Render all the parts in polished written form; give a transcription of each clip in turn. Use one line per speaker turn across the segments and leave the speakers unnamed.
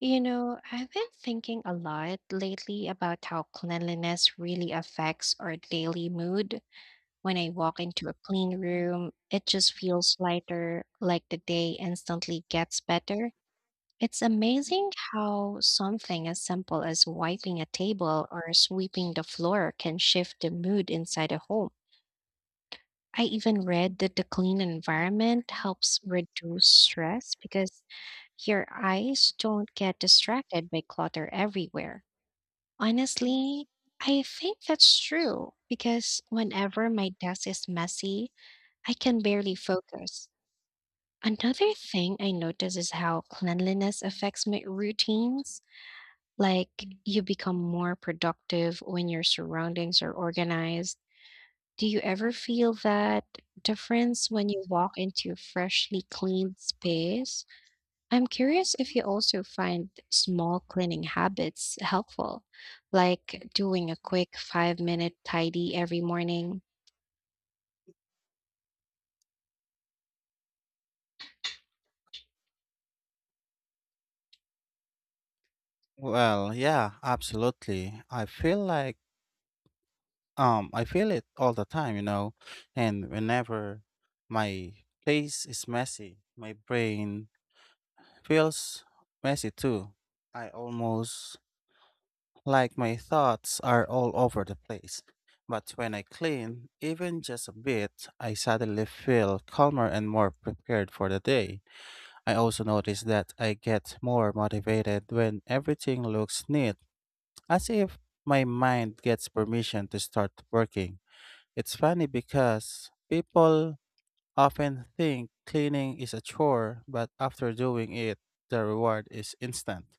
You know, I've been thinking a lot lately about how cleanliness really affects our daily mood. When I walk into a clean room, it just feels lighter, like the day instantly gets better. It's amazing how something as simple as wiping a table or sweeping the floor can shift the mood inside a home. I even read that the clean environment helps reduce stress because your eyes don't get distracted by clutter everywhere. Honestly, I think that's true because whenever my desk is messy, I can barely focus. Another thing I notice is how cleanliness affects my routines. Like, you become more productive when your surroundings are organized. Do you ever feel that difference when you walk into a freshly cleaned space? I'm curious if you also find small cleaning habits helpful, like doing a quick 5-minute tidy every morning.
Well, yeah, absolutely. I feel like I feel it all the time, you know, and whenever my place is messy, my brain feels messy too. I almost like my thoughts are all over the place. But when I clean, even just a bit, I suddenly feel calmer and more prepared for the day. I also notice that I get more motivated when everything looks neat as if my mind gets permission to start working. It's funny because people often think cleaning is a chore, but after doing it, the reward is instant.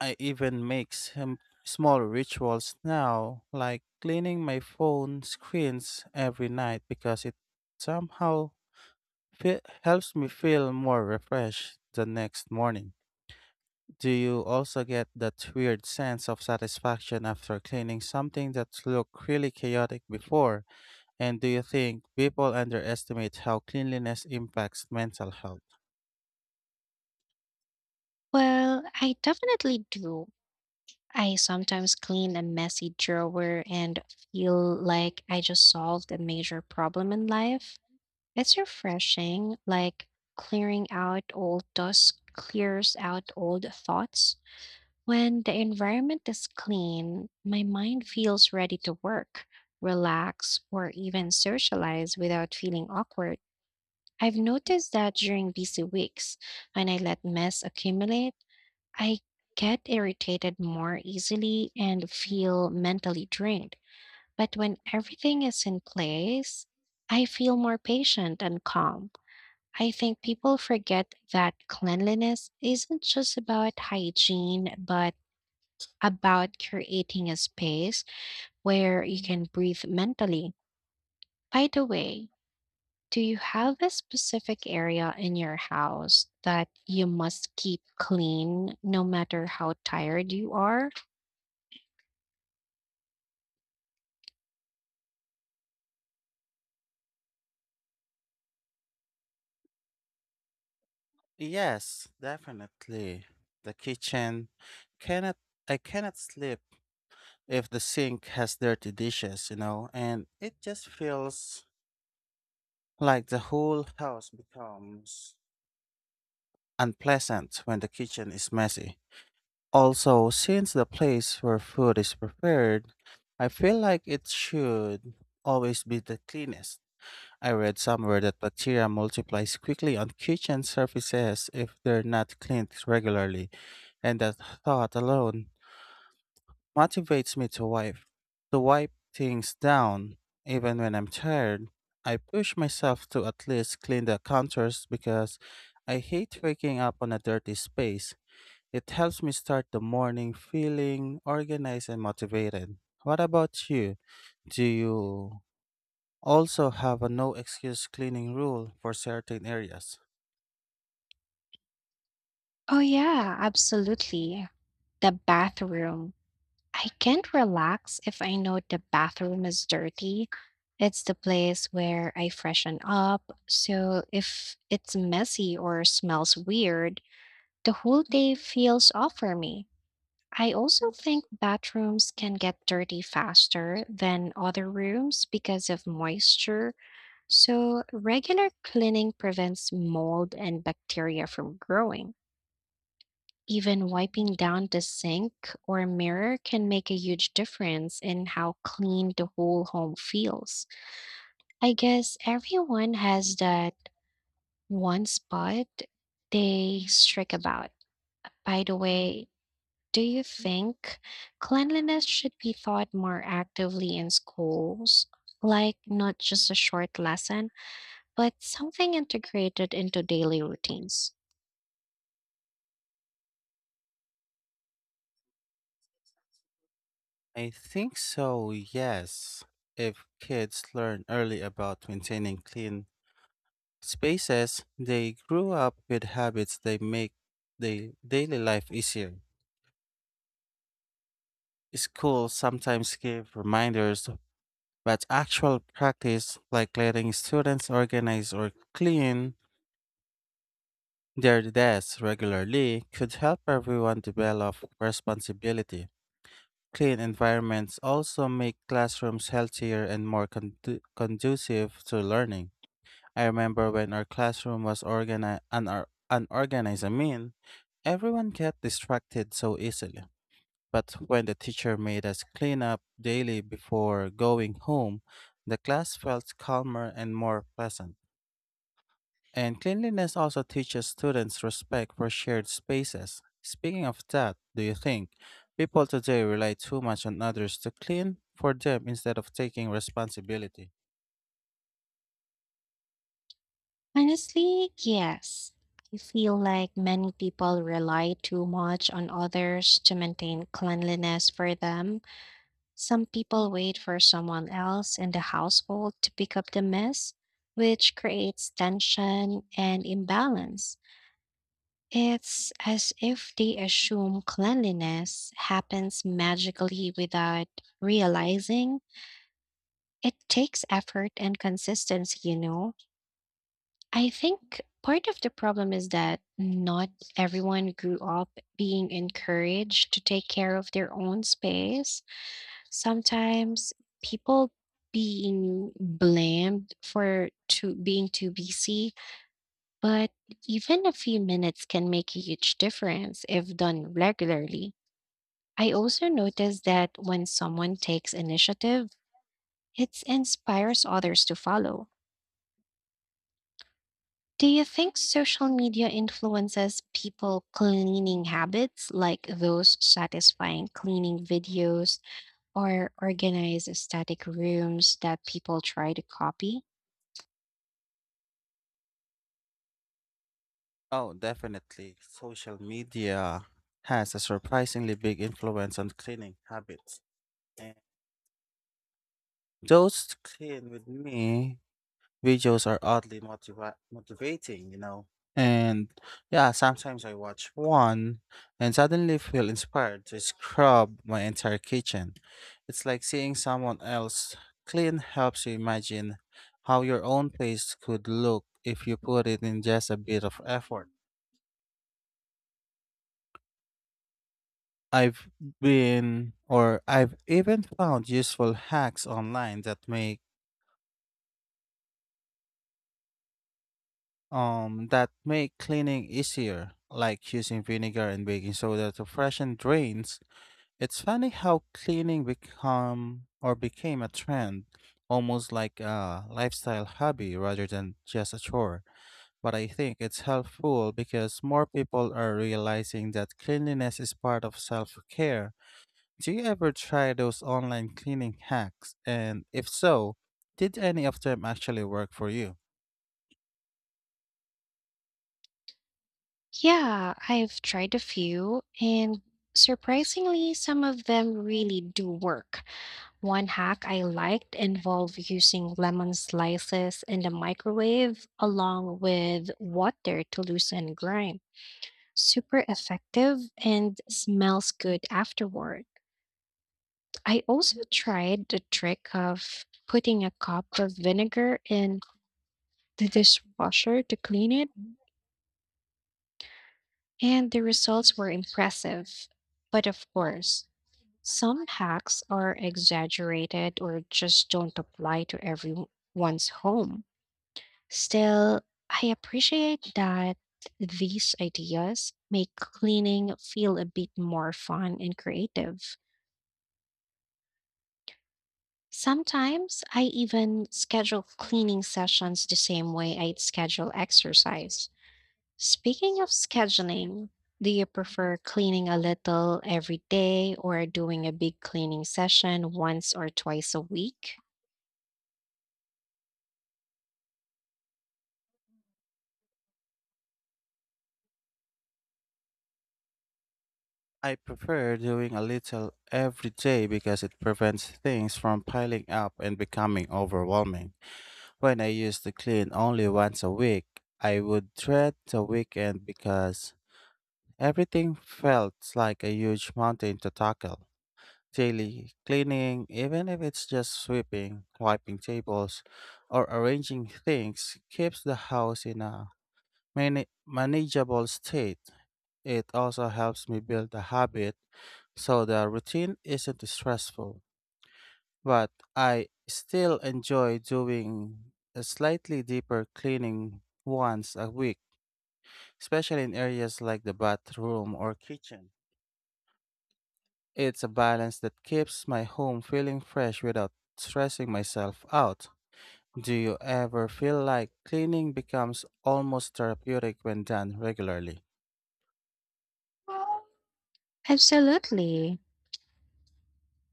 I even make some small rituals now, like cleaning my phone screens every night because it somehow helps me feel more refreshed the next morning. Do you also get that weird sense of satisfaction after cleaning something that looked really chaotic before? And do you think people underestimate how cleanliness impacts mental health?
Well, I definitely do. I sometimes clean a messy drawer and feel like I just solved a major problem in life. It's refreshing, like clearing out old dust clears out old thoughts. When the environment is clean, my mind feels ready to work, relax, or even socialize without feeling awkward. I've noticed that during busy weeks, when I let mess accumulate, I get irritated more easily and feel mentally drained. But when everything is in place, I feel more patient and calm. I think people forget that cleanliness isn't just about hygiene, but about creating a space where you can breathe mentally. By the way, do you have a specific area in your house that you must keep clean no matter how tired you are?
Yes, definitely. The kitchen cannot I cannot sleep if the sink has dirty dishes, you know, and it just feels like the whole house becomes unpleasant when the kitchen is messy. Also, since the place where food is prepared, I feel like it should always be the cleanest. I read somewhere that bacteria multiplies quickly on kitchen surfaces if they're not cleaned regularly, and that thought alone motivates me to wipe things down even when I'm tired. I push myself to at least clean the counters because I hate waking up on a dirty space. It helps me start the morning feeling organized and motivated. What about you? Do you also have a no excuse cleaning rule for certain areas?
Oh, yeah, absolutely. The bathroom. I can't relax if I know the bathroom is dirty. It's the place where I freshen up. So if it's messy or smells weird, the whole day feels off for me. I also think bathrooms can get dirty faster than other rooms because of moisture, so regular cleaning prevents mold and bacteria from growing. Even wiping down the sink or mirror can make a huge difference in how clean the whole home feels. I guess everyone has that one spot they strike about. By the way, do you think cleanliness should be taught more actively in schools? Like not just a short lesson, but something integrated into daily routines?
I think so, yes. If kids learn early about maintaining clean spaces, they grow up with habits they make their daily life easier. Schools sometimes give reminders, but actual practice, like letting students organize or clean, their deaths regularly could help everyone develop responsibility. Clean environments also make classrooms healthier and more conducive to learning. I remember when our classroom was unorganized, I mean, everyone get distracted so easily. But when the teacher made us clean up daily before going home, the class felt calmer and more pleasant. And cleanliness also teaches students respect for shared spaces. Speaking of that, do you think people today rely too much on others to clean for them instead of taking responsibility?
Honestly, yes. I feel like many people rely too much on others to maintain cleanliness for them. Some people wait for someone else in the household to pick up the mess, which creates tension and imbalance. It's as if they assume cleanliness happens magically without realizing it takes effort and consistency, you know. I think part of the problem is that not everyone grew up being encouraged to take care of their own space. Sometimes people being blamed for to being too busy. But even a few minutes can make a huge difference if done regularly. I also notice that when someone takes initiative, it inspires others to follow. Do you think social media influences people cleaning habits like those satisfying cleaning videos or organized static rooms that people try to copy?
Oh, definitely. Social media has a surprisingly big influence on cleaning habits. And those clean with me videos are oddly motivating, you know. And yeah, sometimes I watch one and suddenly feel inspired to scrub my entire kitchen. It's like seeing someone else clean helps you imagine how your own place could look if you put it in just a bit of effort. I've been, or I've even found useful hacks online that make cleaning easier, like using vinegar and baking soda to freshen drains. It's funny how cleaning become or became a trend, almost like a lifestyle hobby rather than just a chore. But I think it's helpful because more people are realizing that cleanliness is part of self-care. Do you ever try those online cleaning hacks? And if so, did any of them actually work for you?
Yeah, I've tried a few, and surprisingly, some of them really do work. One hack I liked involved using lemon slices in the microwave along with water to loosen grime. Super effective and smells good afterward. I also tried the trick of putting a cup of vinegar in the dishwasher to clean it, and the results were impressive. But of course, some hacks are exaggerated or just don't apply to everyone's home. Still, I appreciate that these ideas make cleaning feel a bit more fun and creative. Sometimes I even schedule cleaning sessions the same way I'd schedule exercise. Speaking of scheduling, do you prefer cleaning a little every day or doing a big cleaning session once or twice a week?
I prefer doing a little every day because it prevents things from piling up and becoming overwhelming. When I used to clean only once a week, I would dread the weekend because everything felt like a huge mountain to tackle. Daily cleaning, even if it's just sweeping, wiping tables, or arranging things, keeps the house in a manageable state. It also helps me build a habit so the routine isn't stressful, but I still enjoy doing a slightly deeper cleaning once a week, especially in areas like the bathroom or kitchen. It's a balance that keeps my home feeling fresh without stressing myself out. Do you ever feel like cleaning becomes almost therapeutic when done regularly?
Absolutely.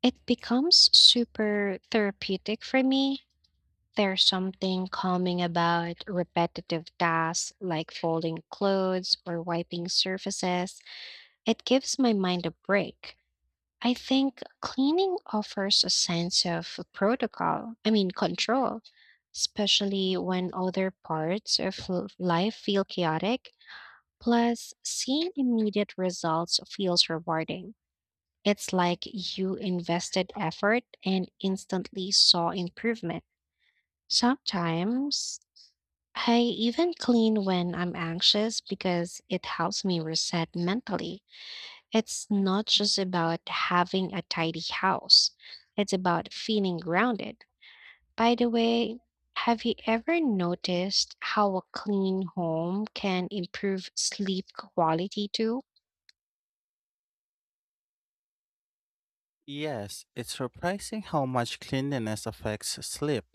It becomes super therapeutic for me. There's something calming about repetitive tasks like folding clothes or wiping surfaces. It gives my mind a break. I think cleaning offers a sense of protocol, I mean, control, especially when other parts of l- life feel chaotic. Plus, seeing immediate results feels rewarding. It's like you invested effort and instantly saw improvement. Sometimes I even clean when I'm anxious because it helps me reset mentally. It's not just about having a tidy house, it's about feeling grounded. By the way, have you ever noticed how a clean home can improve sleep quality too?
Yes, it's surprising how much cleanliness affects sleep.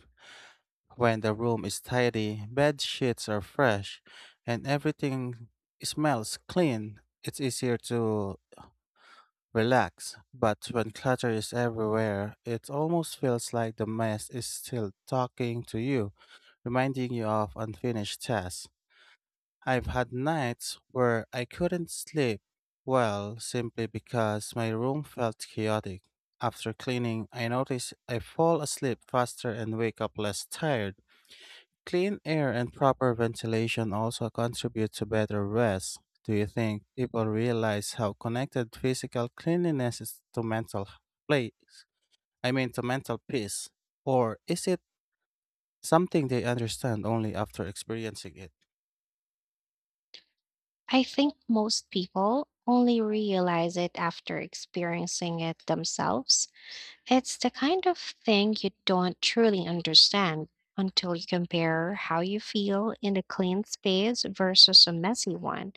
When the room is tidy, bed sheets are fresh, and everything smells clean, it's easier to relax. But when clutter is everywhere, it almost feels like the mess is still talking to you, reminding you of unfinished tasks. I've had nights where I couldn't sleep well simply because my room felt chaotic. After cleaning, I notice I fall asleep faster and wake up less tired. Clean air and proper ventilation also contribute to better rest. Do you think people realize how connected physical cleanliness is to mental h- place? I mean to mental peace? Or is it something they understand only after experiencing it?
I think most people only realize it after experiencing it themselves. It's the kind of thing you don't truly understand until you compare how you feel in a clean space versus a messy one.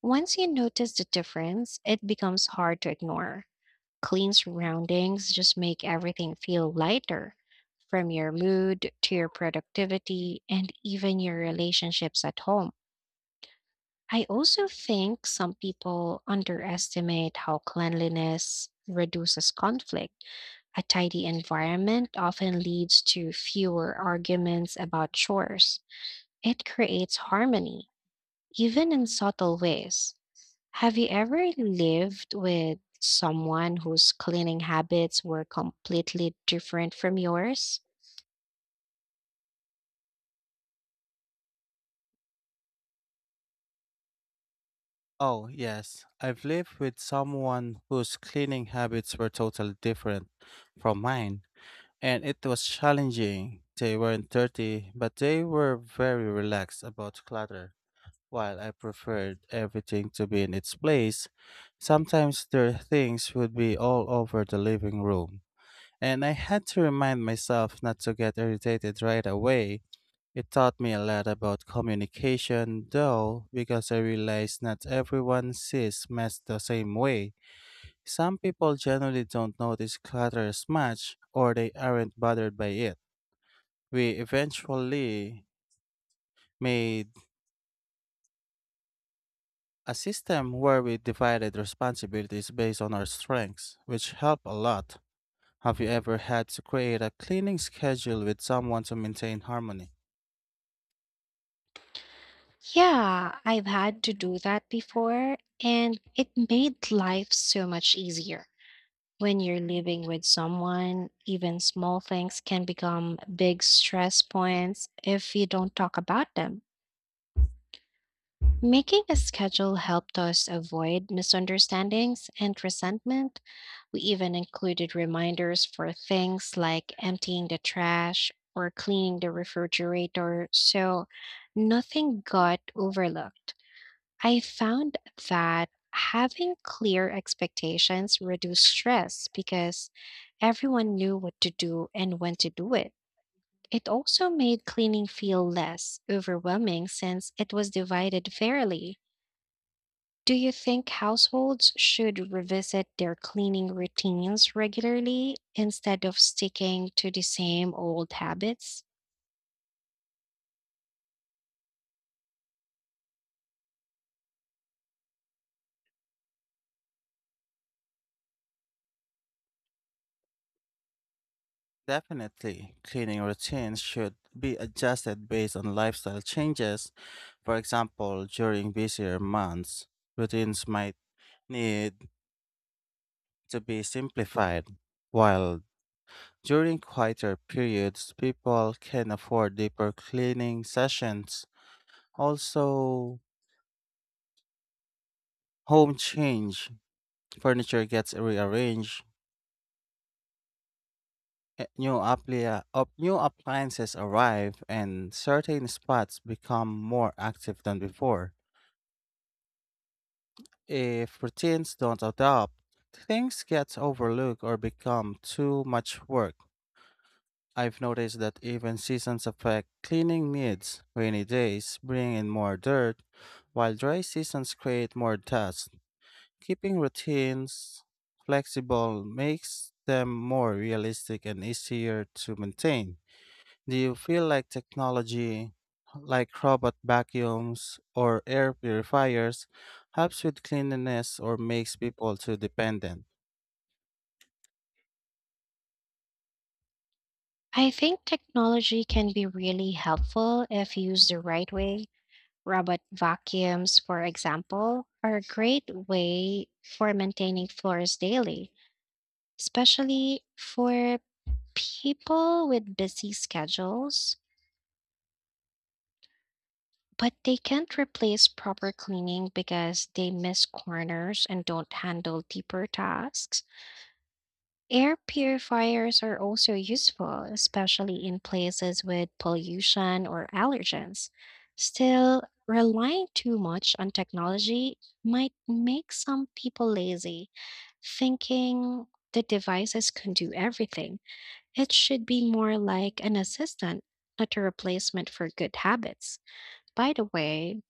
Once you notice the difference, it becomes hard to ignore. Clean surroundings just make everything feel lighter, from your mood to your productivity and even your relationships at home. I also think some people underestimate how cleanliness reduces conflict. A tidy environment often leads to fewer arguments about chores. It creates harmony, even in subtle ways. Have you ever lived with someone whose cleaning habits were completely different from yours?
Oh, yes. I've lived with someone whose cleaning habits were totally different from mine, and it was challenging. They weren't dirty, but they were very relaxed about clutter. While I preferred everything to be in its place, sometimes their things would be all over the living room, and I had to remind myself not to get irritated right away. It taught me a lot about communication, though, because I realized not everyone sees mess the same way. Some people generally don't notice clutter as much, or they aren't bothered by it. We eventually made a system where we divided responsibilities based on our strengths, which helped a lot. Have you ever had to create a cleaning schedule with someone to maintain harmony?
Yeah, I've had to do that before, and it made life so much easier. When you're living with someone, even small things can become big stress points if you don't talk about them. Making a schedule helped us avoid misunderstandings and resentment. We even included reminders for things like emptying the trash or cleaning the refrigerator, so nothing got overlooked. I found that having clear expectations reduced stress because everyone knew what to do and when to do it. It also made cleaning feel less overwhelming since it was divided fairly. Do you think households should revisit their cleaning routines regularly instead of sticking to the same old habits?
Definitely, cleaning routines should be adjusted based on lifestyle changes. For example, during busier months, routines might need to be simplified, while during quieter periods, people can afford deeper cleaning sessions. Also, home change, furniture gets rearranged, new, new appliances arrive, and certain spots become more active than before. If routines don't adapt, things get overlooked or become too much work. I've noticed that even seasons affect cleaning needs. Rainy days bring in more dirt, while dry seasons create more dust. Keeping routines flexible makes them more realistic and easier to maintain. Do you feel like technology, like robot vacuums or air purifiers, helps with cleanliness or makes people too dependent?
I think technology can be really helpful if used the right way. Robot vacuums, for example, are a great way for maintaining floors daily, especially for people with busy schedules. But they can't replace proper cleaning because they miss corners and don't handle deeper tasks. Air purifiers are also useful, especially in places with pollution or allergens. Still, relying too much on technology might make some people lazy, thinking the devices can do everything. It should be more like an assistant, not a replacement for good habits. By the way,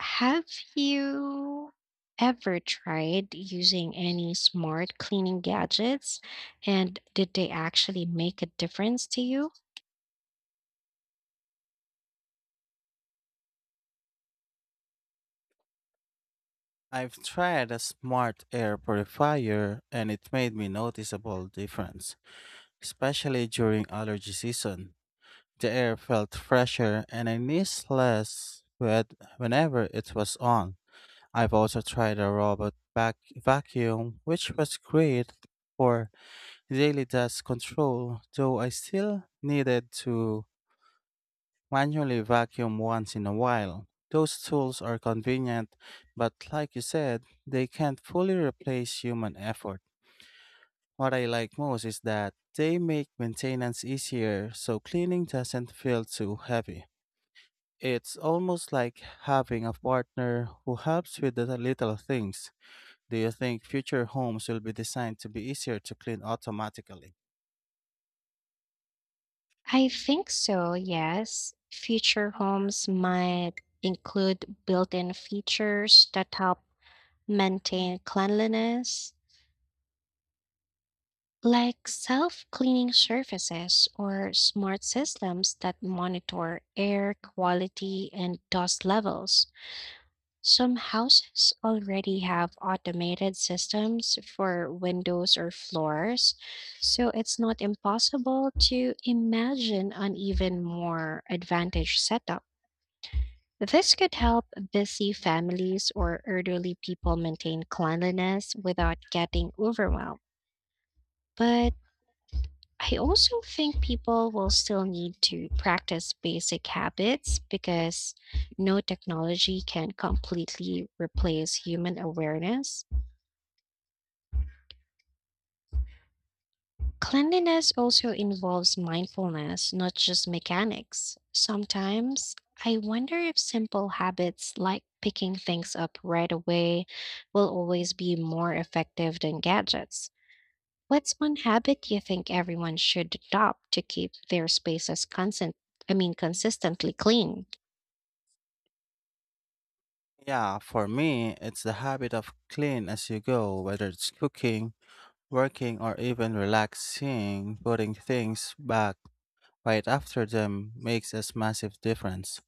have you ever tried using any smart cleaning gadgets? And did they actually make a difference to you?
I've tried a smart air purifier and it made me noticeable difference, especially during allergy season. The air felt fresher and I sneezed less wet whenever it was on. I've also tried a robot vacuum, which was great for daily dust control, though I still needed to manually vacuum once in a while. Those tools are convenient, but like you said, they can't fully replace human effort. What I like most is that they make maintenance easier so cleaning doesn't feel too heavy. It's almost like having a partner who helps with the little things. Do you think future homes will be designed to be easier to clean automatically?
I think so, yes. Future homes might include built in features that help maintain cleanliness, like self cleaning surfaces or smart systems that monitor air quality and dust levels. Some houses already have automated systems for windows or floors, so it's not impossible to imagine an even more advantaged setup. This could help busy families or elderly people maintain cleanliness without getting overwhelmed. But I also think people will still need to practice basic habits because no technology can completely replace human awareness. Cleanliness also involves mindfulness, not just mechanics. Sometimes I wonder if simple habits like picking things up right away will always be more effective than gadgets. What's one habit you think everyone should adopt to keep their spaces constant, I mean consistently clean?
Yeah, for me, it's the habit of clean as you go, whether it's cooking, working, or even relaxing, putting things back right after them makes a massive difference.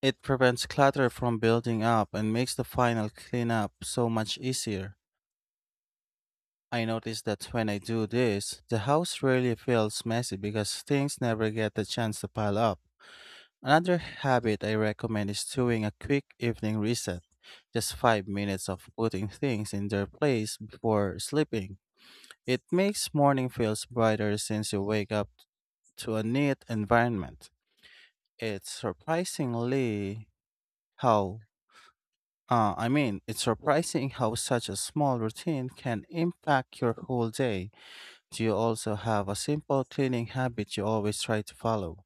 It prevents clutter from building up and makes the final cleanup so much easier. I notice that when I do this, the house rarely feels messy because things never get the chance to pile up. Another habit I recommend is doing a quick evening reset, just 5 minutes of putting things in their place before sleeping. It makes morning feels brighter since you wake up to a neat environment. It's surprisingly how it's surprising how such a small routine can impact your whole day. Do you also have a simple cleaning habit you always try to follow?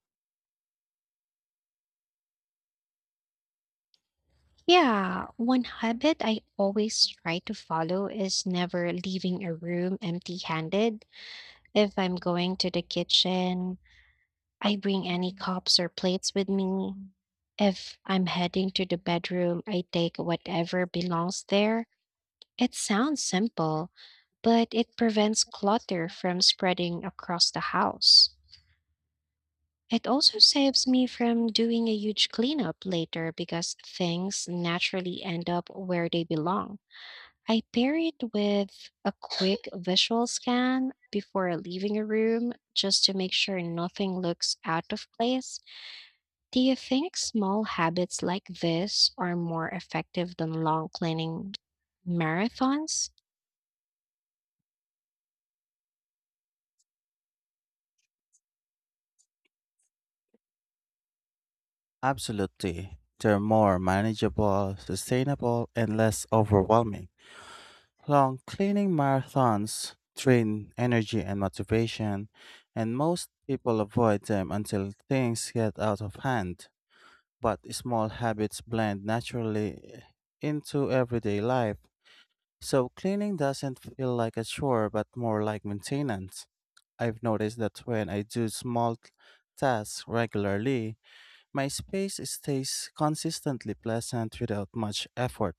Yeah, one habit I always try to follow is never leaving a room empty-handed. If I'm going to the kitchen, I bring any cups or plates with me. If I'm heading to the bedroom, I take whatever belongs there. It sounds simple, but it prevents clutter from spreading across the house. It also saves me from doing a huge cleanup later because things naturally end up where they belong. I pair it with a quick visual scan before leaving a room just to make sure nothing looks out of place. Do you think small habits like this are more effective than long cleaning marathons?
Absolutely. They're more manageable, sustainable, and less overwhelming. Long cleaning marathons drain energy and motivation, and most people avoid them until things get out of hand. But small habits blend naturally into everyday life, so cleaning doesn't feel like a chore but more like maintenance. I've noticed that when I do small tasks regularly, my space stays consistently pleasant without much effort.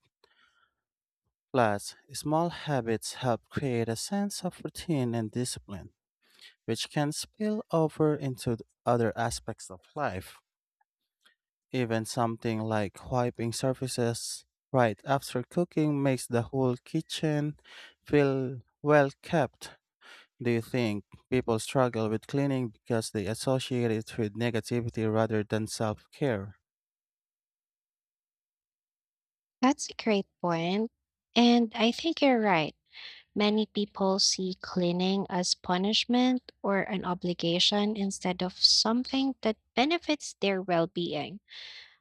Plus, small habits help create a sense of routine and discipline, which can spill over into other aspects of life. Even something like wiping surfaces right after cooking makes the whole kitchen feel well kept. Do you think people struggle with cleaning because they associate it with negativity rather than self care?
That's a great point. And I think you're right. Many people see cleaning as punishment or an obligation instead of something that benefits their well being.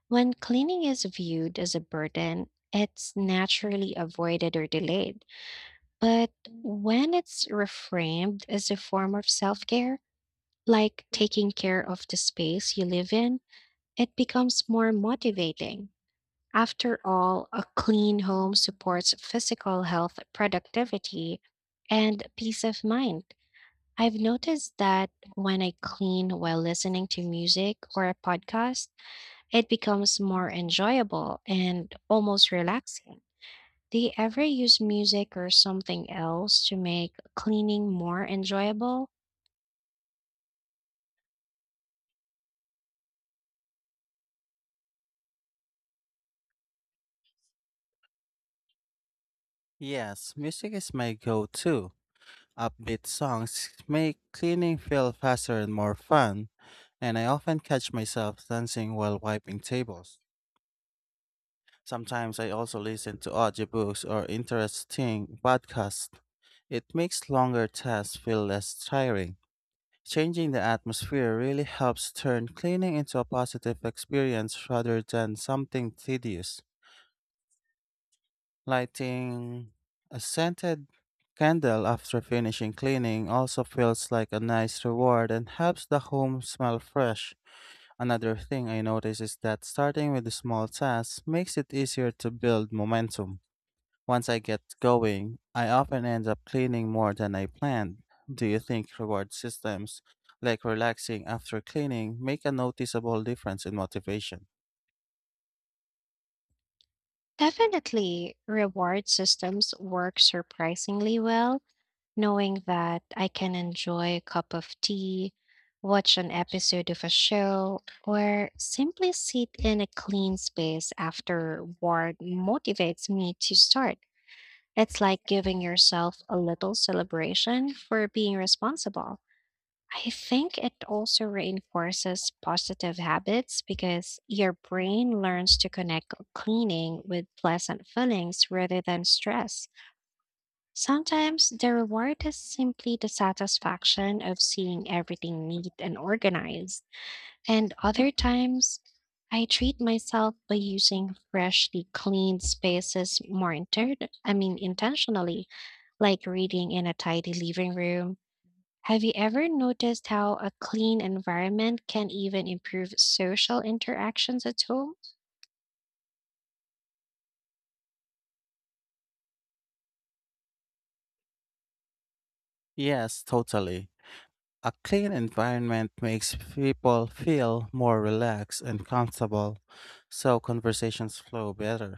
When cleaning is viewed as a burden, it's naturally avoided or delayed. But when it's reframed as a form of self care, like taking care of the space you live in, it becomes more motivating. After all, a clean home supports physical health, productivity, and peace of mind. I've noticed that when I clean while listening to music or a podcast, it becomes more enjoyable and almost relaxing. Do you ever use music or something else to make cleaning more enjoyable?
Yes, music is my go to. Upbeat songs make cleaning feel faster and more fun, and I often catch myself dancing while wiping tables. Sometimes I also listen to audiobooks or interesting podcasts. It makes longer tasks feel less tiring. Changing the atmosphere really helps turn cleaning into a positive experience rather than something tedious. Lighting a scented candle after finishing cleaning also feels like a nice reward and helps the home smell fresh. Another thing I notice is that starting with small tasks makes it easier to build momentum. Once I get going, I often end up cleaning more than I planned. Do you think reward systems, like relaxing after cleaning, make a noticeable difference in motivation?
Definitely, reward systems work surprisingly well. Knowing that I can enjoy a cup of tea, watch an episode of a show, or simply sit in a clean space after work motivates me to start. It's like giving yourself a little celebration for being responsible. I think it also reinforces positive habits because your brain learns to connect cleaning with pleasant feelings rather than stress. Sometimes the reward is simply the satisfaction of seeing everything neat and organized. And other times, I treat myself by using freshly cleaned spaces more I mean intentionally, like reading in a tidy living room. Have you ever noticed how a clean environment can even improve social interactions at home?
Yes, totally. A clean environment makes people feel more relaxed and comfortable, so conversations flow better.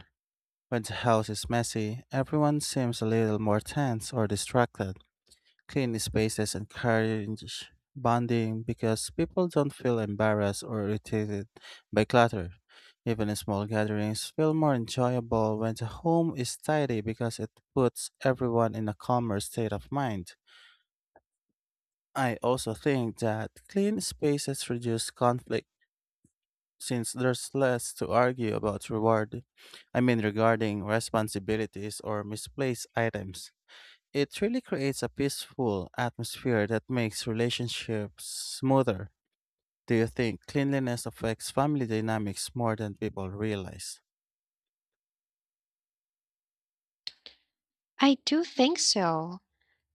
When the house is messy, everyone seems a little more tense or distracted. Clean spaces encourage bonding because people don't feel embarrassed or irritated by clutter. Even small gatherings feel more enjoyable when the home is tidy because it puts everyone in a calmer state of mind. I also think that clean spaces reduce conflict since there's less to argue about reward, I mean regarding responsibilities or misplaced items. It really creates a peaceful atmosphere that makes relationships smoother. Do you think cleanliness affects family dynamics more than people realize?
I do think so.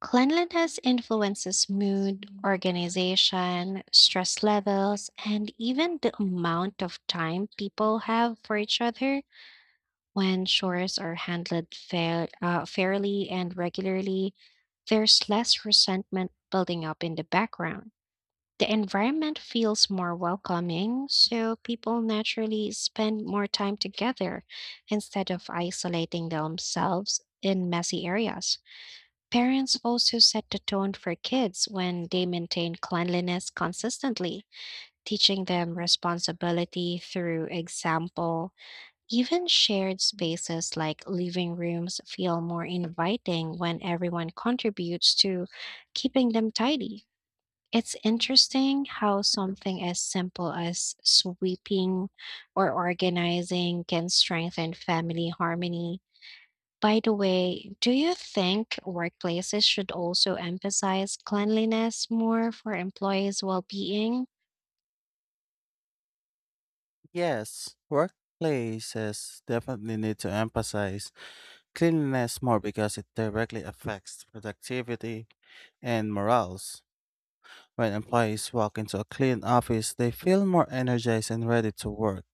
Cleanliness influences mood, organization, stress levels, and even the amount of time people have for each other. When chores are handled fairly and regularly, there's less resentment building up in the background. The environment feels more welcoming, so people naturally spend more time together instead of isolating themselves in messy areas. Parents also set the tone for kids when they maintain cleanliness consistently, teaching them responsibility through example. Even shared spaces like living rooms feel more inviting when everyone contributes to keeping them tidy. It's interesting how something as simple as sweeping or organizing can strengthen family harmony. By the way, do you think workplaces should also emphasize cleanliness more for employees' well being?
Yes, workplaces definitely need to emphasize cleanliness more because it directly affects productivity and morale. When employees walk into a clean office, they feel more energized and ready to work.